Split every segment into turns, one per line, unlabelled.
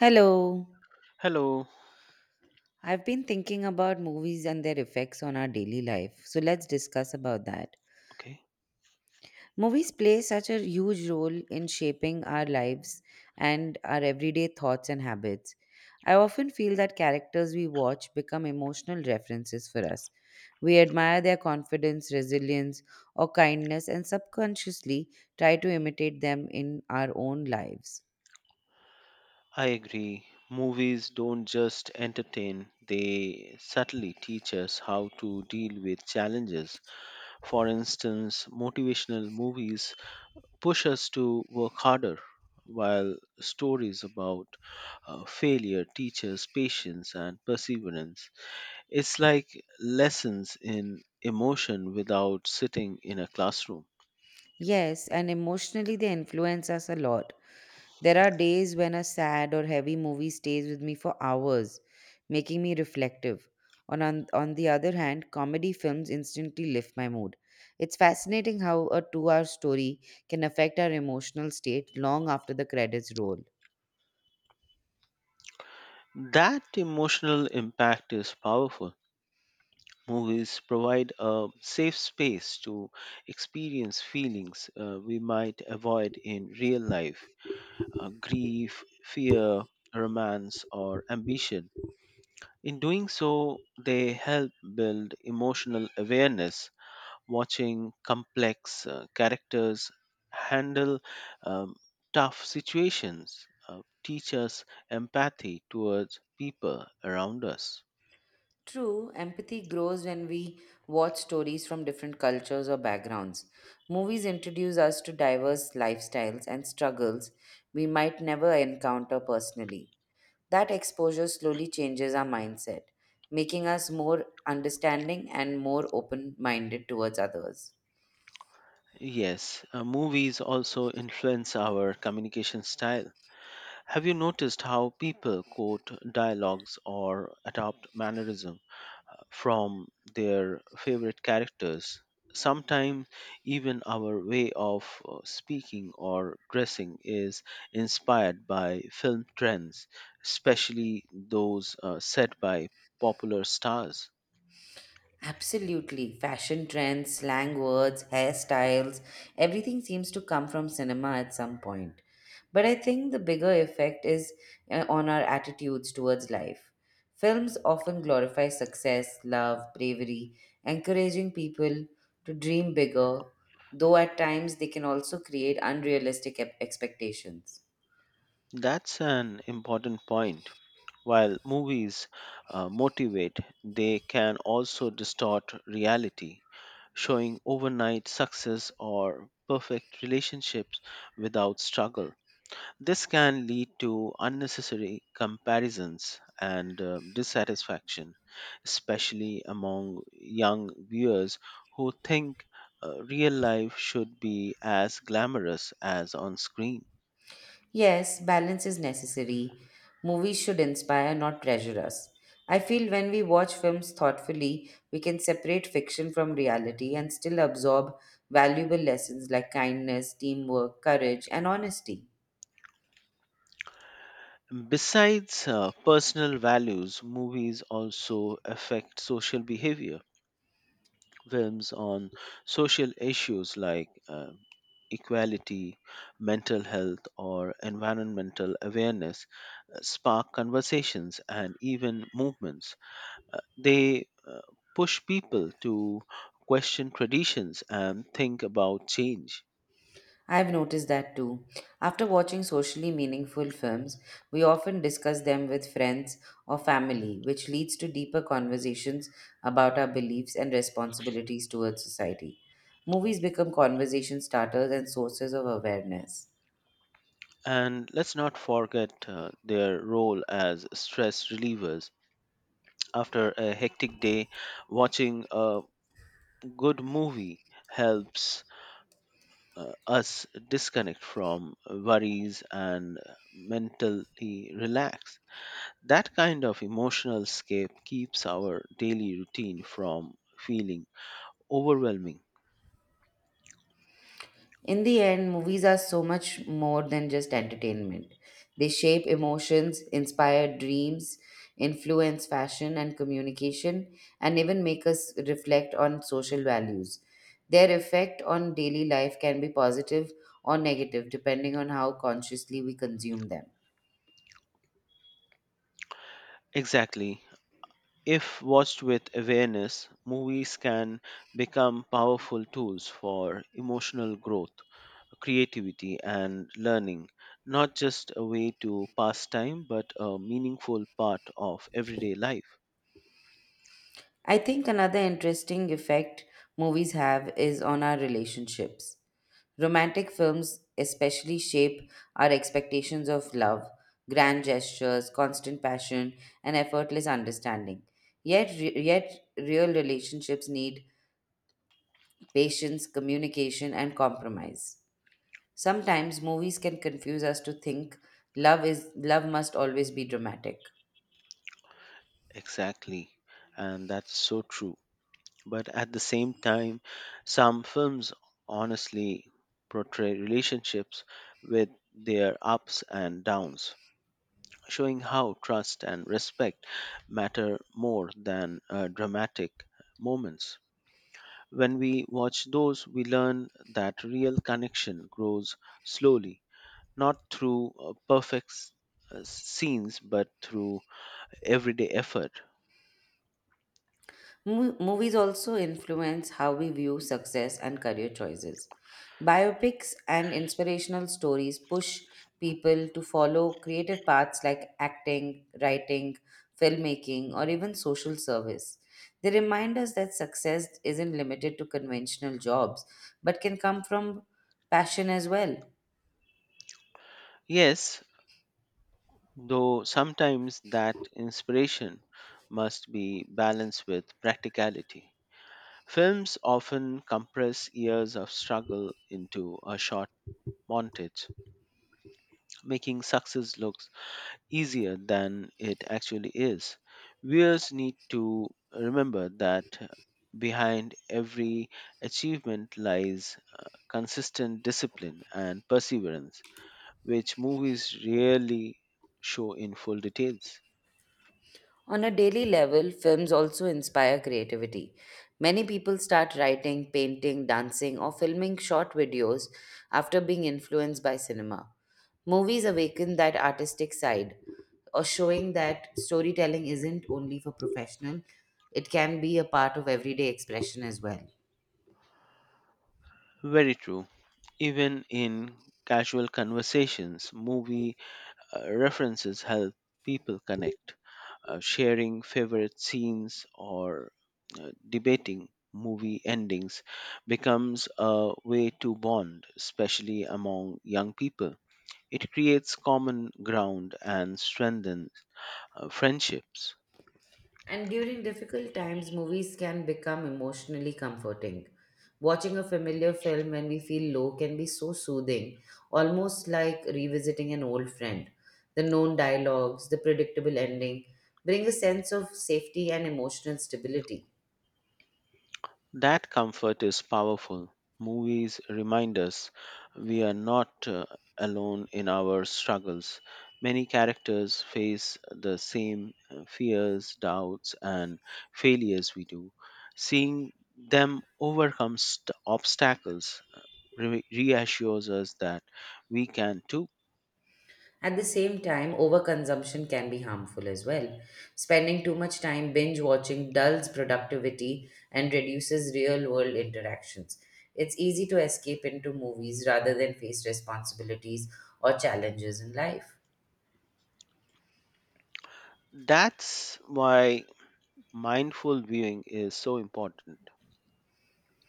Hello.
Hello.
I've been thinking about movies and their effects on our daily life, so let's discuss about that.
Okay.
Movies play such a huge role in shaping our lives and our everyday thoughts and habits. I often feel that characters we watch become emotional references for us. We admire their confidence, resilience, or kindness and subconsciously try to imitate them in our own lives.
I agree. Movies don't just entertain, they subtly teach us how to deal with challenges. For instance, motivational movies push us to work harder, while stories about failure teach us patience and perseverance. It's like lessons in emotion without sitting in a classroom.
Yes, and emotionally they influence us a lot. There are days when a sad or heavy movie stays with me for hours, making me reflective. On the other hand, comedy films instantly lift my mood. It's fascinating how a 2 hour story can affect our emotional state long after the credits roll.
That emotional impact is powerful. Movies provide a safe space to experience feelings, we might avoid in real life, grief, fear, romance, or ambition. In doing so, they help build emotional awareness. Watching complex characters handle um, tough situations teach us empathy towards people around us.
True, empathy grows when we watch stories from different cultures or backgrounds. Movies introduce us to diverse lifestyles and struggles we might never encounter personally. That exposure slowly changes our mindset, making us more understanding and more open minded towards others.
Yes, movies also influence our communication style. Have you noticed how people quote dialogues or adopt mannerism from their favorite characters? Sometimes even our way of speaking or dressing is inspired by film trends, especially those set by popular stars.
Absolutely. Fashion trends, slang words, hairstyles, everything seems to come from cinema at some point. But I think the bigger effect is on our attitudes towards life. Films often glorify success, love, bravery, encouraging people to dream bigger, though at times they can also create unrealistic expectations.
That's an important point. While movies motivate, they can also distort reality, showing overnight success or perfect relationships without struggle. This can lead to unnecessary comparisons and dissatisfaction, especially among young viewers who think real life should be as glamorous as on screen.
Yes, balance is necessary. Movies should inspire, not pressure us. I feel when we watch films thoughtfully, we can separate fiction from reality and still absorb valuable lessons like kindness, teamwork, courage, and honesty.
Besides personal values, movies also affect social behavior. Films on social issues like equality, mental health, or environmental awareness spark conversations and even movements. They push people to question traditions and think about change.
I've noticed that too. After watching socially meaningful films, we often discuss them with friends or family, which leads to deeper conversations about our beliefs and responsibilities towards society. Movies become conversation starters and sources of awareness.
And let's not forget their role as stress relievers. After a hectic day, watching a good movie helps us disconnect from worries and mentally relax. That kind of emotional escape keeps our daily routine from feeling overwhelming.
In the end, movies are so much more than just entertainment. They shape emotions, inspire dreams, influence fashion and communication, and even make us reflect on social values. Their effect on daily life can be positive or negative depending on how consciously we consume them.
Exactly. If watched with awareness, movies can become powerful tools for emotional growth, creativity, and learning, not just a way to pass time, but a meaningful part of everyday life.
I think another interesting effect movies have is on our relationships. Romantic films especially shape our expectations of love, grand gestures, constant passion, and effortless understanding. Yet, yet real relationships need patience, communication, and compromise. Sometimes movies can confuse us to think love is love must always be dramatic.
Exactly. And that's so true. But at the same time, some films honestly portray relationships with their ups and downs, showing how trust and respect matter more than dramatic moments. When we watch those, we learn that real connection grows slowly, not through scenes, but through everyday effort.
Movies also influence how we view success and career choices. Biopics and inspirational stories push people to follow creative paths like acting, writing, filmmaking, or even social service. They remind us that success isn't limited to conventional jobs, but can come from passion as well.
Yes, though sometimes that inspiration must be balanced with practicality. Films often compress years of struggle into a short montage, making success looks easier than it actually is. Viewers need to remember that behind every achievement lies consistent discipline and perseverance, which movies rarely show in full details.
On a daily level, films also inspire creativity. Many people start writing, painting, dancing, or filming short videos after being influenced by cinema. Movies awaken that artistic side, or showing that storytelling isn't only for professional, it can be a part of everyday expression as well.
Very true. Even in casual conversations, movie references help people connect, sharing favorite scenes or debating movie endings becomes a way to bond, especially among young people. It creates common ground and strengthens friendships.
And during difficult times, movies can become emotionally comforting. Watching a familiar film when we feel low can be so soothing, almost like revisiting an old friend. The known dialogues, the predictable ending bring a sense of safety and emotional stability.
That comfort is powerful. Movies remind us we are not alone in our struggles. Many characters face the same fears, doubts, and failures we do. Seeing them overcome obstacles reassures us that we can too.
At the same time, overconsumption can be harmful as well. Spending too much time binge watching dulls productivity and reduces real world interactions. It's easy to escape into movies rather than face responsibilities or challenges in life.
That's why mindful viewing is so important.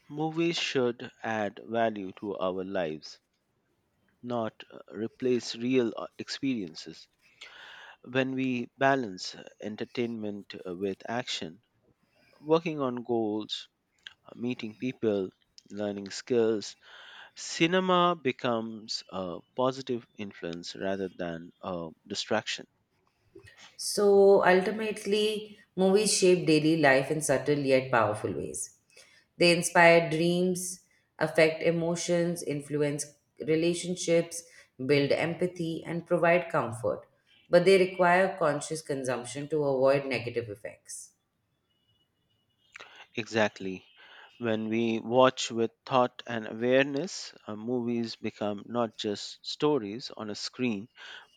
Movies should add value to our lives, not replace real experiences. When we balance entertainment with action, working on goals, meeting people, learning skills, cinema becomes a positive influence rather than a distraction.
So ultimately, movies shape daily life in subtle yet powerful ways. They inspire dreams, affect emotions, influence relationships, build empathy, and provide comfort. But they require conscious consumption to avoid negative effects.
Exactly. When we watch with thought and awareness, movies become not just stories on a screen,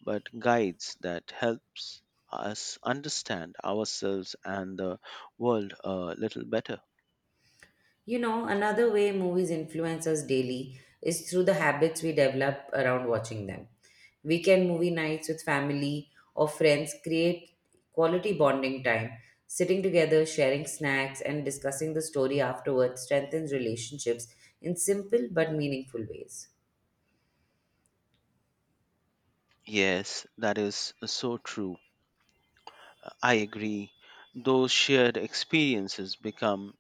but guides that helps us understand ourselves and the world a little better.
You know, another way movies influence us daily is through the habits we develop around watching them. Weekend movie nights with family or friends create quality bonding time. Sitting together, sharing snacks, and discussing the story afterwards strengthens relationships in simple but meaningful ways.
Yes, that is so true. I agree. Those shared experiences become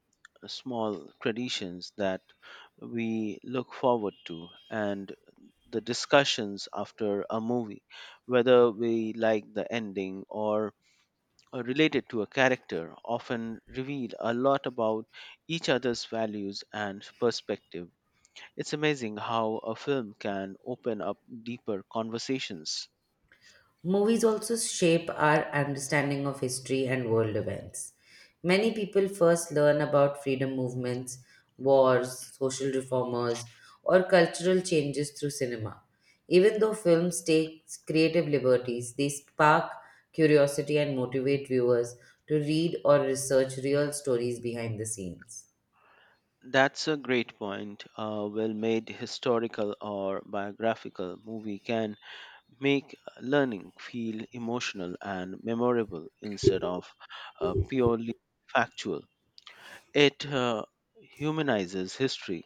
small traditions that we look forward to, and the discussions after a movie, whether we like the ending or are related to a character, often reveal a lot about each other's values and perspective. It's amazing how a film can open up deeper conversations.
Movies also shape our understanding of history and world events. Many people first learn about freedom movements, wars, social reformers, or cultural changes through cinema. Even though films take creative liberties, they spark curiosity and motivate viewers to read or research real stories behind the scenes.
That's a great point. A well made historical or biographical movie can make learning feel emotional and memorable instead of purely factual. It humanizes history,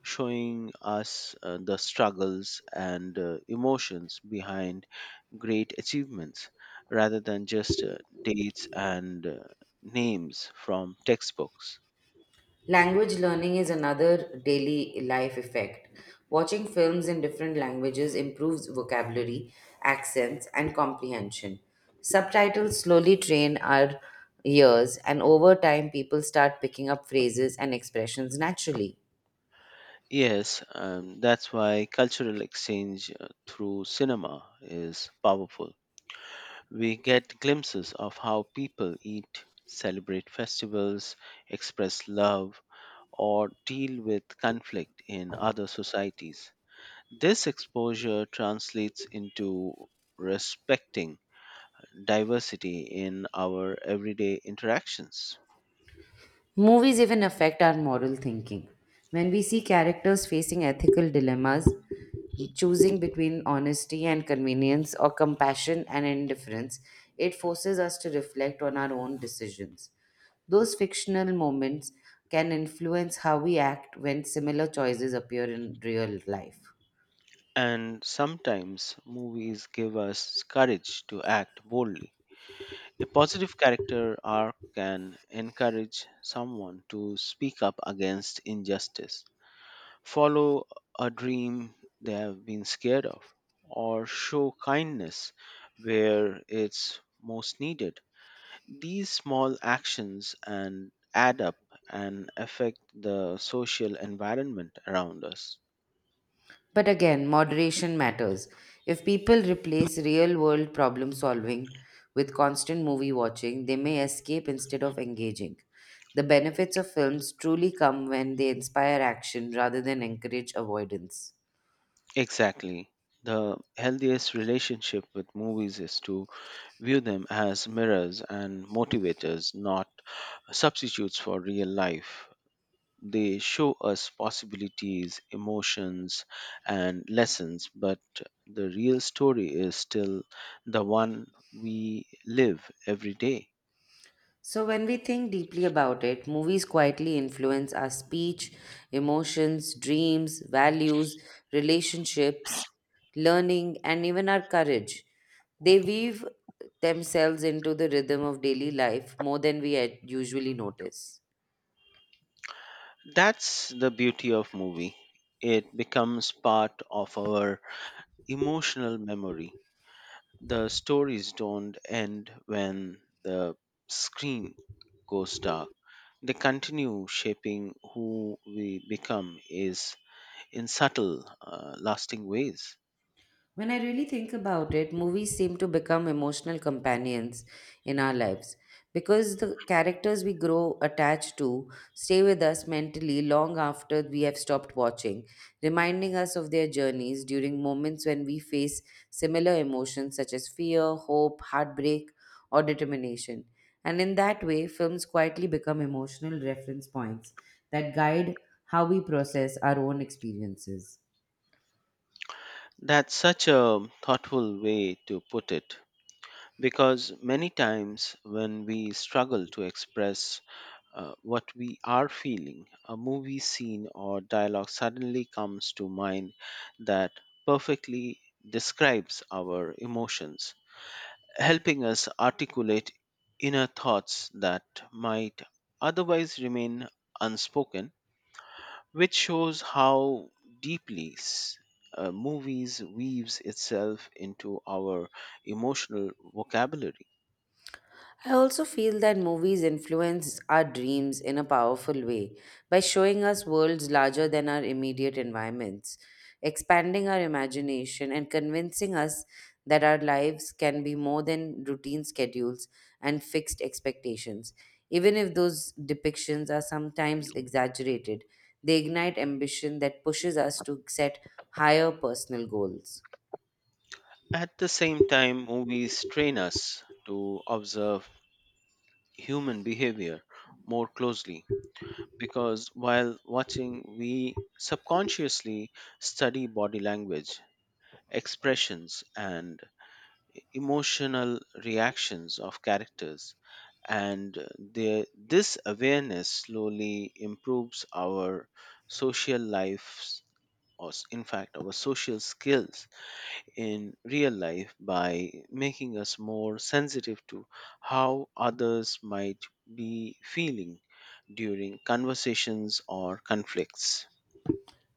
showing us the struggles and emotions behind great achievements rather than just dates and names from textbooks.
Language learning is another daily life effect. Watching films in different languages improves vocabulary, accents, and comprehension. Subtitles slowly train our ears, and over time, people start picking up phrases and expressions naturally.
Yes, that's why cultural exchange through cinema is powerful. We get glimpses of how people eat, celebrate festivals, express love, or deal with conflict in other societies. This exposure translates into respecting diversity in our everyday interactions.
Movies even affect our moral thinking. When we see characters facing ethical dilemmas, choosing between honesty and convenience or compassion and indifference, it forces us to reflect on our own decisions. Those fictional moments can influence how we act when similar choices appear in real life.
And sometimes movies give us courage to act boldly. A positive character arc can encourage someone to speak up against injustice, follow a dream they have been scared of, or show kindness where it's most needed. These small actions and add up and affect the social environment around us.
But again, moderation matters. If people replace real world problem solving with constant movie watching, they may escape instead of engaging. The benefits of films truly come when they inspire action rather than encourage avoidance.
Exactly. The healthiest relationship with movies is to view them as mirrors and motivators, not substitutes for real life. They show us possibilities, emotions, and lessons, but the real story is still the one we live every day.
So, when we think deeply about it, movies quietly influence our speech, emotions, dreams, values, relationships, learning, and even our courage. They weave themselves into the rhythm of daily life more than we usually notice.
That's the beauty of movie. It becomes part of our emotional memory. The stories don't end when the screen goes dark. They continue shaping who we become is in subtle, lasting ways.
When I really think about it, movies seem to become emotional companions in our lives because the characters we grow attached to stay with us mentally long after we have stopped watching, reminding us of their journeys during moments when we face similar emotions such as fear, hope, heartbreak, or determination. And in that way, films quietly become emotional reference points that guide how we process our own experiences.
That's such a thoughtful way to put it, because many times when we struggle to express what we are feeling, a movie scene or dialogue suddenly comes to mind that perfectly describes our emotions, helping us articulate inner thoughts that might otherwise remain unspoken, which shows how deeply movies weaves itself into our emotional vocabulary.
I also feel that movies influence our dreams in a powerful way by showing us worlds larger than our immediate environments, expanding our imagination, and convincing us that our lives can be more than routine schedules and fixed expectations. Even if those depictions are sometimes exaggerated, they ignite ambition that pushes us to set higher personal goals.
At the same time, movies train us to observe human behavior more closely, because while watching we subconsciously study body language, expressions, and emotional reactions of characters, and this awareness slowly improves our social lives, or in fact our social skills in real life, by making us more sensitive to how others might be feeling during conversations or conflicts.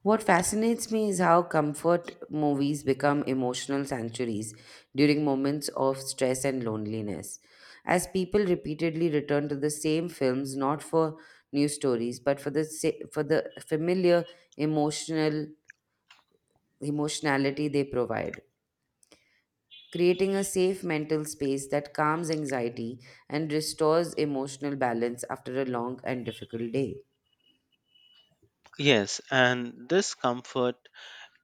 What fascinates me is how comfort movies become emotional sanctuaries during moments of stress and loneliness. As people repeatedly return to the same films not for new stories but for the sa- for the familiar emotional emotionality they provide, creating a safe mental space that calms anxiety and restores emotional balance after a long and difficult day.
Yes, and this comfort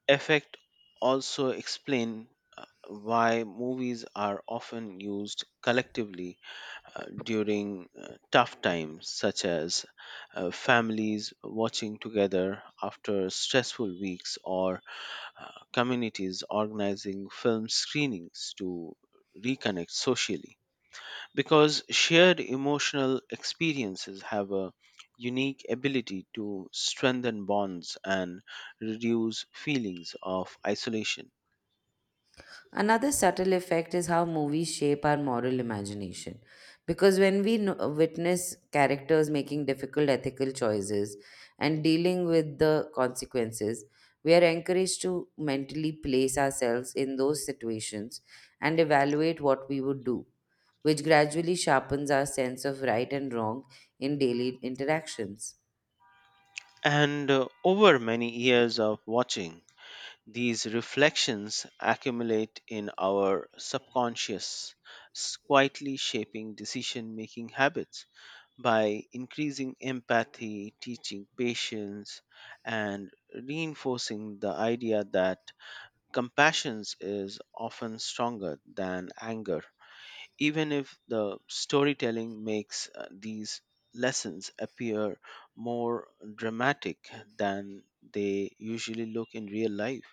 effect also explain why movies are often used collectively during tough times, such as families watching together after stressful weeks, or communities organizing film screenings to reconnect socially, because shared emotional experiences have a unique ability to strengthen bonds and reduce feelings of isolation.
Another subtle effect is how movies shape our moral imagination. Because when we witness characters making difficult ethical choices and dealing with the consequences, we are encouraged to mentally place ourselves in those situations and evaluate what we would do, which gradually sharpens our sense of right and wrong in daily interactions.
And over many years of watching, these reflections accumulate in our subconscious, quietly shaping decision making habits by increasing empathy, teaching patience, and reinforcing the idea that compassion is often stronger than anger, even if the storytelling makes these lessons appear more dramatic than they usually look in real life.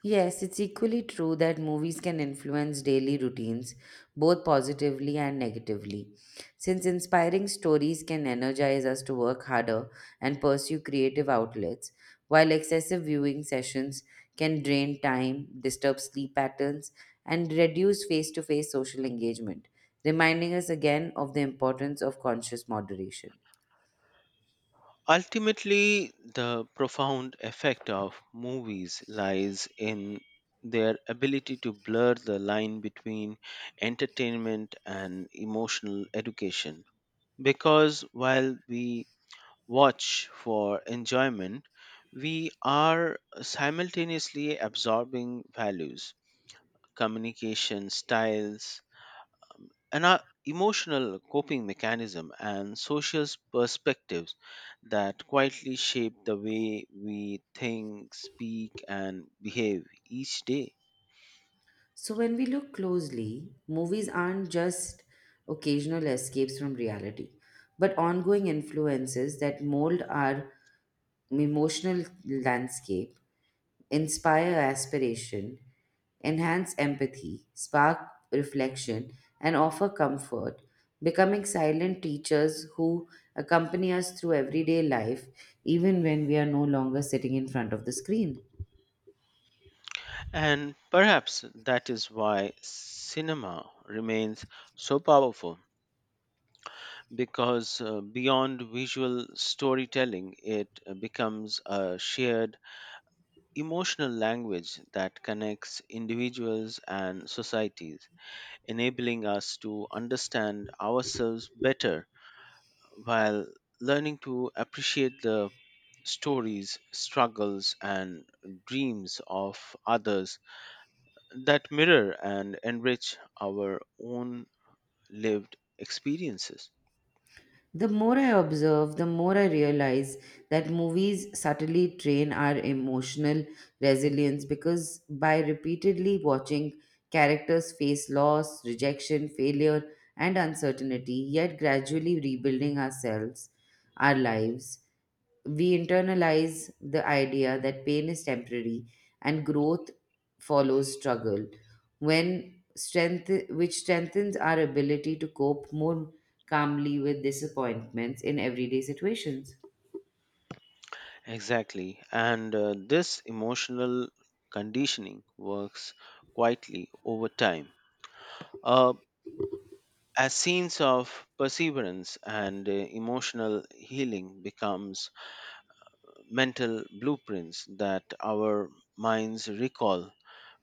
Yes, it's equally true that movies can influence daily routines, both positively and negatively. Since inspiring stories can energize us to work harder and pursue creative outlets, while excessive viewing sessions can drain time, disturb sleep patterns, and reduce face to face social engagement, reminding us again of the importance of conscious moderation.
Ultimately, the profound effect of movies lies in their ability to blur the line between entertainment and emotional education. Because while we watch for enjoyment, we are simultaneously absorbing values, communication styles, and our emotional coping mechanism and social perspectives that quietly shape the way we think, speak, and behave each day.
So, when we look closely, movies aren't just occasional escapes from reality, but ongoing influences that mold our emotional landscape, inspire aspiration, enhance empathy, spark reflection, and offer comfort, becoming silent teachers who accompany us through everyday life, even when we are no longer sitting in front of the screen.
And perhaps that is why cinema remains so powerful, because beyond visual storytelling, it becomes a shared emotional language that connects individuals and societies, enabling us to understand ourselves better while learning to appreciate the stories, struggles, and dreams of others that mirror and enrich our own lived experiences.
The more I observe, the more I realize that movies subtly train our emotional resilience because by repeatedly watching characters face loss, rejection, failure, and uncertainty, yet gradually rebuilding ourselves, our lives, we internalize the idea that pain is temporary and growth follows struggle when strength which strengthens our ability to cope more calmly with disappointments in everyday situations.
Exactly. And this emotional conditioning works quietly over time. Uh, as scenes of perseverance and emotional healing becomes mental blueprints that our minds recall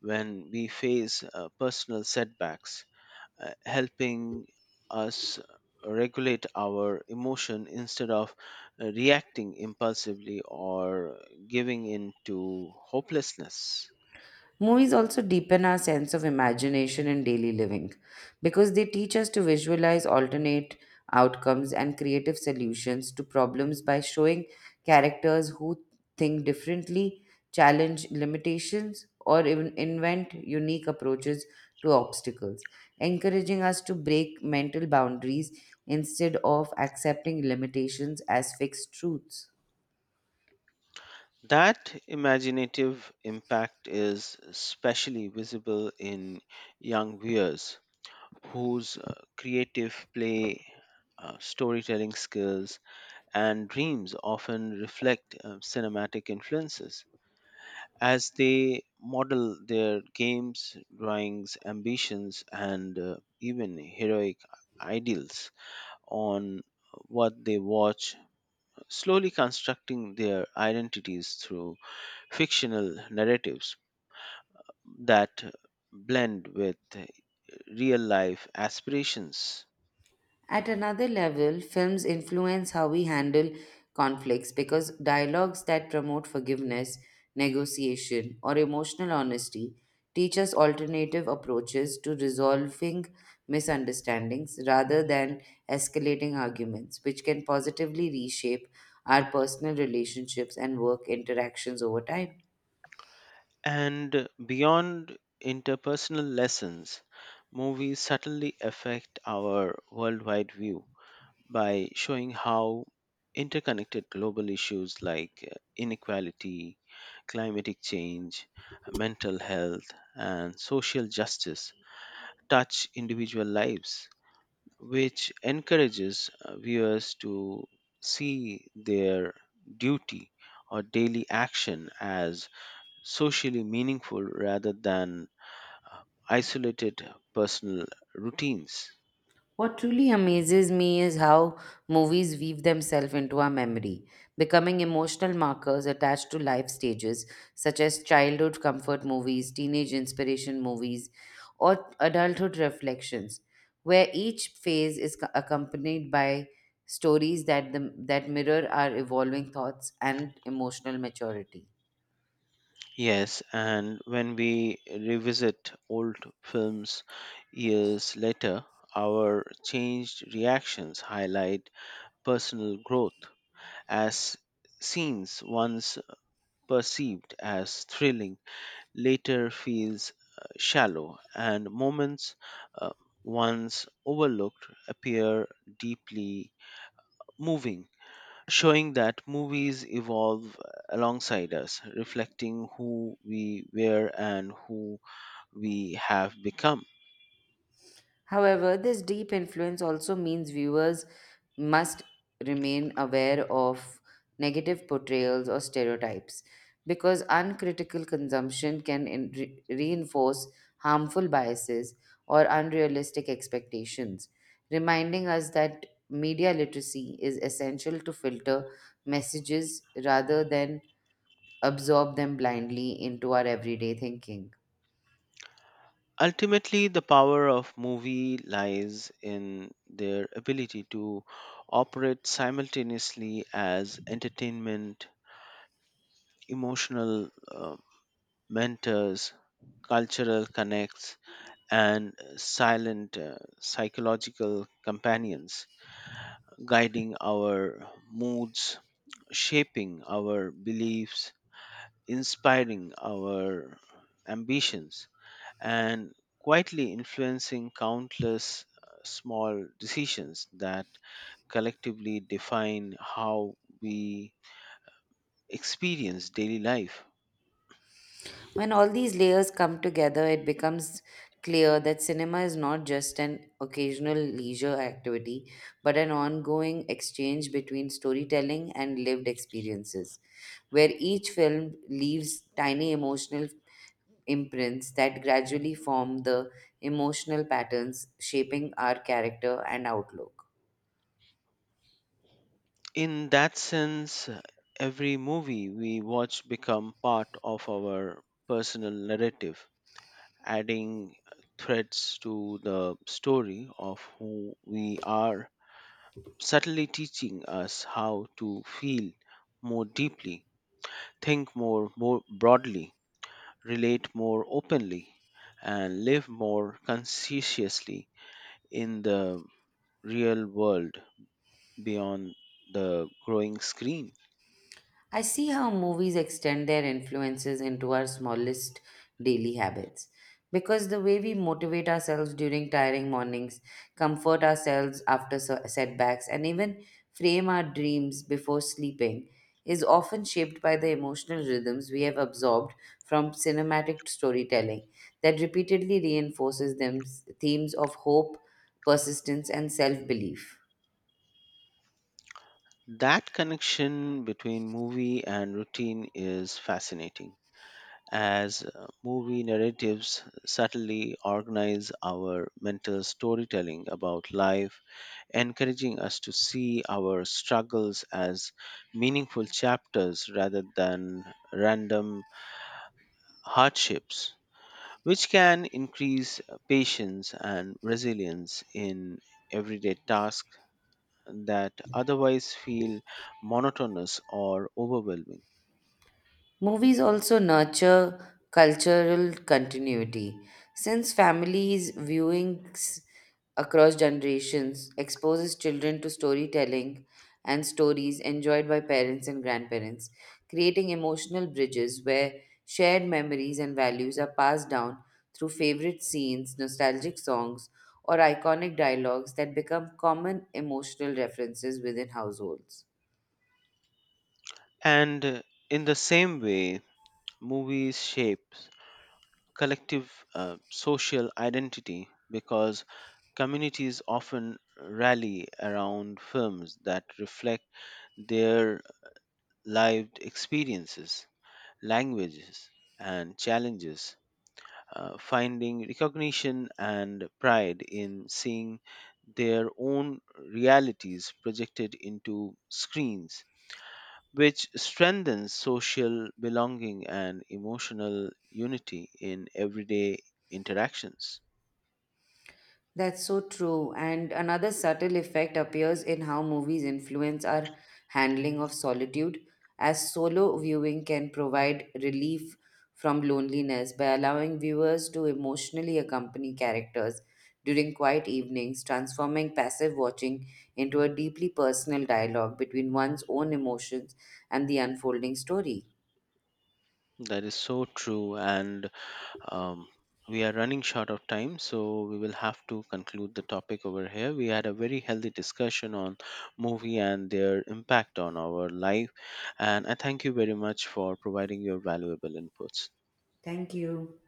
when we face personal setbacks, helping us regulate our emotion instead of reacting impulsively or giving in to hopelessness.
Movies also deepen our sense of imagination in daily living because they teach us to visualize alternate outcomes and creative solutions to problems by showing characters who think differently, challenge limitations, or even invent unique approaches to obstacles, encouraging us to break mental boundaries instead of accepting limitations as fixed truths.
That imaginative impact is especially visible in young viewers whose creative play, storytelling skills, and dreams often reflect cinematic influences, as they model their games, drawings, ambitions, and even heroic ideals on what they watch, slowly constructing their identities through fictional narratives that blend with real life aspirations.
At another level, films influence how we handle conflicts because dialogues that promote forgiveness, negotiation, or emotional honesty teach us alternative approaches to resolving misunderstandings rather than escalating arguments, which can positively reshape our personal relationships and work interactions over time.
And beyond interpersonal lessons, movies subtly affect our worldwide view by showing how interconnected global issues like inequality, climatic change, mental health, and social justice touch individual lives, which encourages viewers to see their duty or daily action as socially meaningful rather than uh, isolated personal routines.
What truly amazes me is how movies weave themselves into our memory, becoming emotional markers attached to life stages, such as childhood comfort movies, teenage inspiration movies, or adulthood reflections, where each phase is accompanied by stories that mirror our evolving thoughts and emotional maturity.
Yes, and when we revisit old films years later, our changed reactions highlight personal growth as scenes once perceived as thrilling later feels shallow, and moments uh, once overlooked appear deeply moving, showing that movies evolve alongside us, reflecting who we were and who we have become.
However, this deep influence also means viewers must remain aware of negative portrayals or stereotypes because uncritical consumption can reinforce harmful biases or unrealistic expectations, reminding us that media literacy is essential to filter messages rather than absorb them blindly into our everyday thinking.
Ultimately, the power of movie lies in their ability to operate simultaneously as entertainment, emotional mentors, cultural connects, and silent psychological companions, guiding our moods, shaping our beliefs, inspiring our ambitions, and quietly influencing countless small decisions that collectively define how we experience daily life.
When all these layers come together, it becomes clear that cinema is not just an occasional leisure activity, but an ongoing exchange between storytelling and lived experiences, where each film leaves tiny emotional imprints that gradually form the emotional patterns shaping our character and outlook.
In that sense, every movie we watch become part of our personal narrative, adding threads to the story of who we are, subtly teaching us how to feel more deeply, think more broadly, relate more openly, and live more conscientiously in the real world beyond the growing screen.
I see how movies extend their influences into our smallest daily habits. Because the way we motivate ourselves during tiring mornings, comfort ourselves after setbacks, and even frame our dreams before sleeping is often shaped by the emotional rhythms we have absorbed from cinematic storytelling that repeatedly reinforces themes of hope, persistence, and self belief.
That connection between movie and routine is fascinating, as movie narratives subtly organize our mental storytelling about life, encouraging us to see our struggles as meaningful chapters rather than random hardships, which can increase patience and resilience in everyday tasks that otherwise feel monotonous or overwhelming.
Movies also nurture cultural continuity. Since families viewings across generations exposes children to storytelling and stories enjoyed by parents and grandparents, creating emotional bridges where shared memories and values are passed down through favorite scenes, nostalgic songs, or iconic dialogues that become common emotional references within households.
And in the same way, movies shape collective social identity, because communities often rally around films that reflect their lived experiences, languages, and challenges, finding recognition and pride in seeing their own realities projected into screens, which strengthens social belonging and emotional unity in everyday interactions.
That's so true. And another subtle effect appears in how movies influence our handling of solitude, as solo viewing can provide relief from loneliness by allowing viewers to emotionally accompany characters during quiet evenings, transforming passive watching into a deeply personal dialogue between one's own emotions and the unfolding story.
That is so true. And um, we are running short of time, so we will have to conclude the topic over here. We had a very healthy discussion on movie and their impact on our life. And I thank you very much for providing your valuable inputs.
Thank you.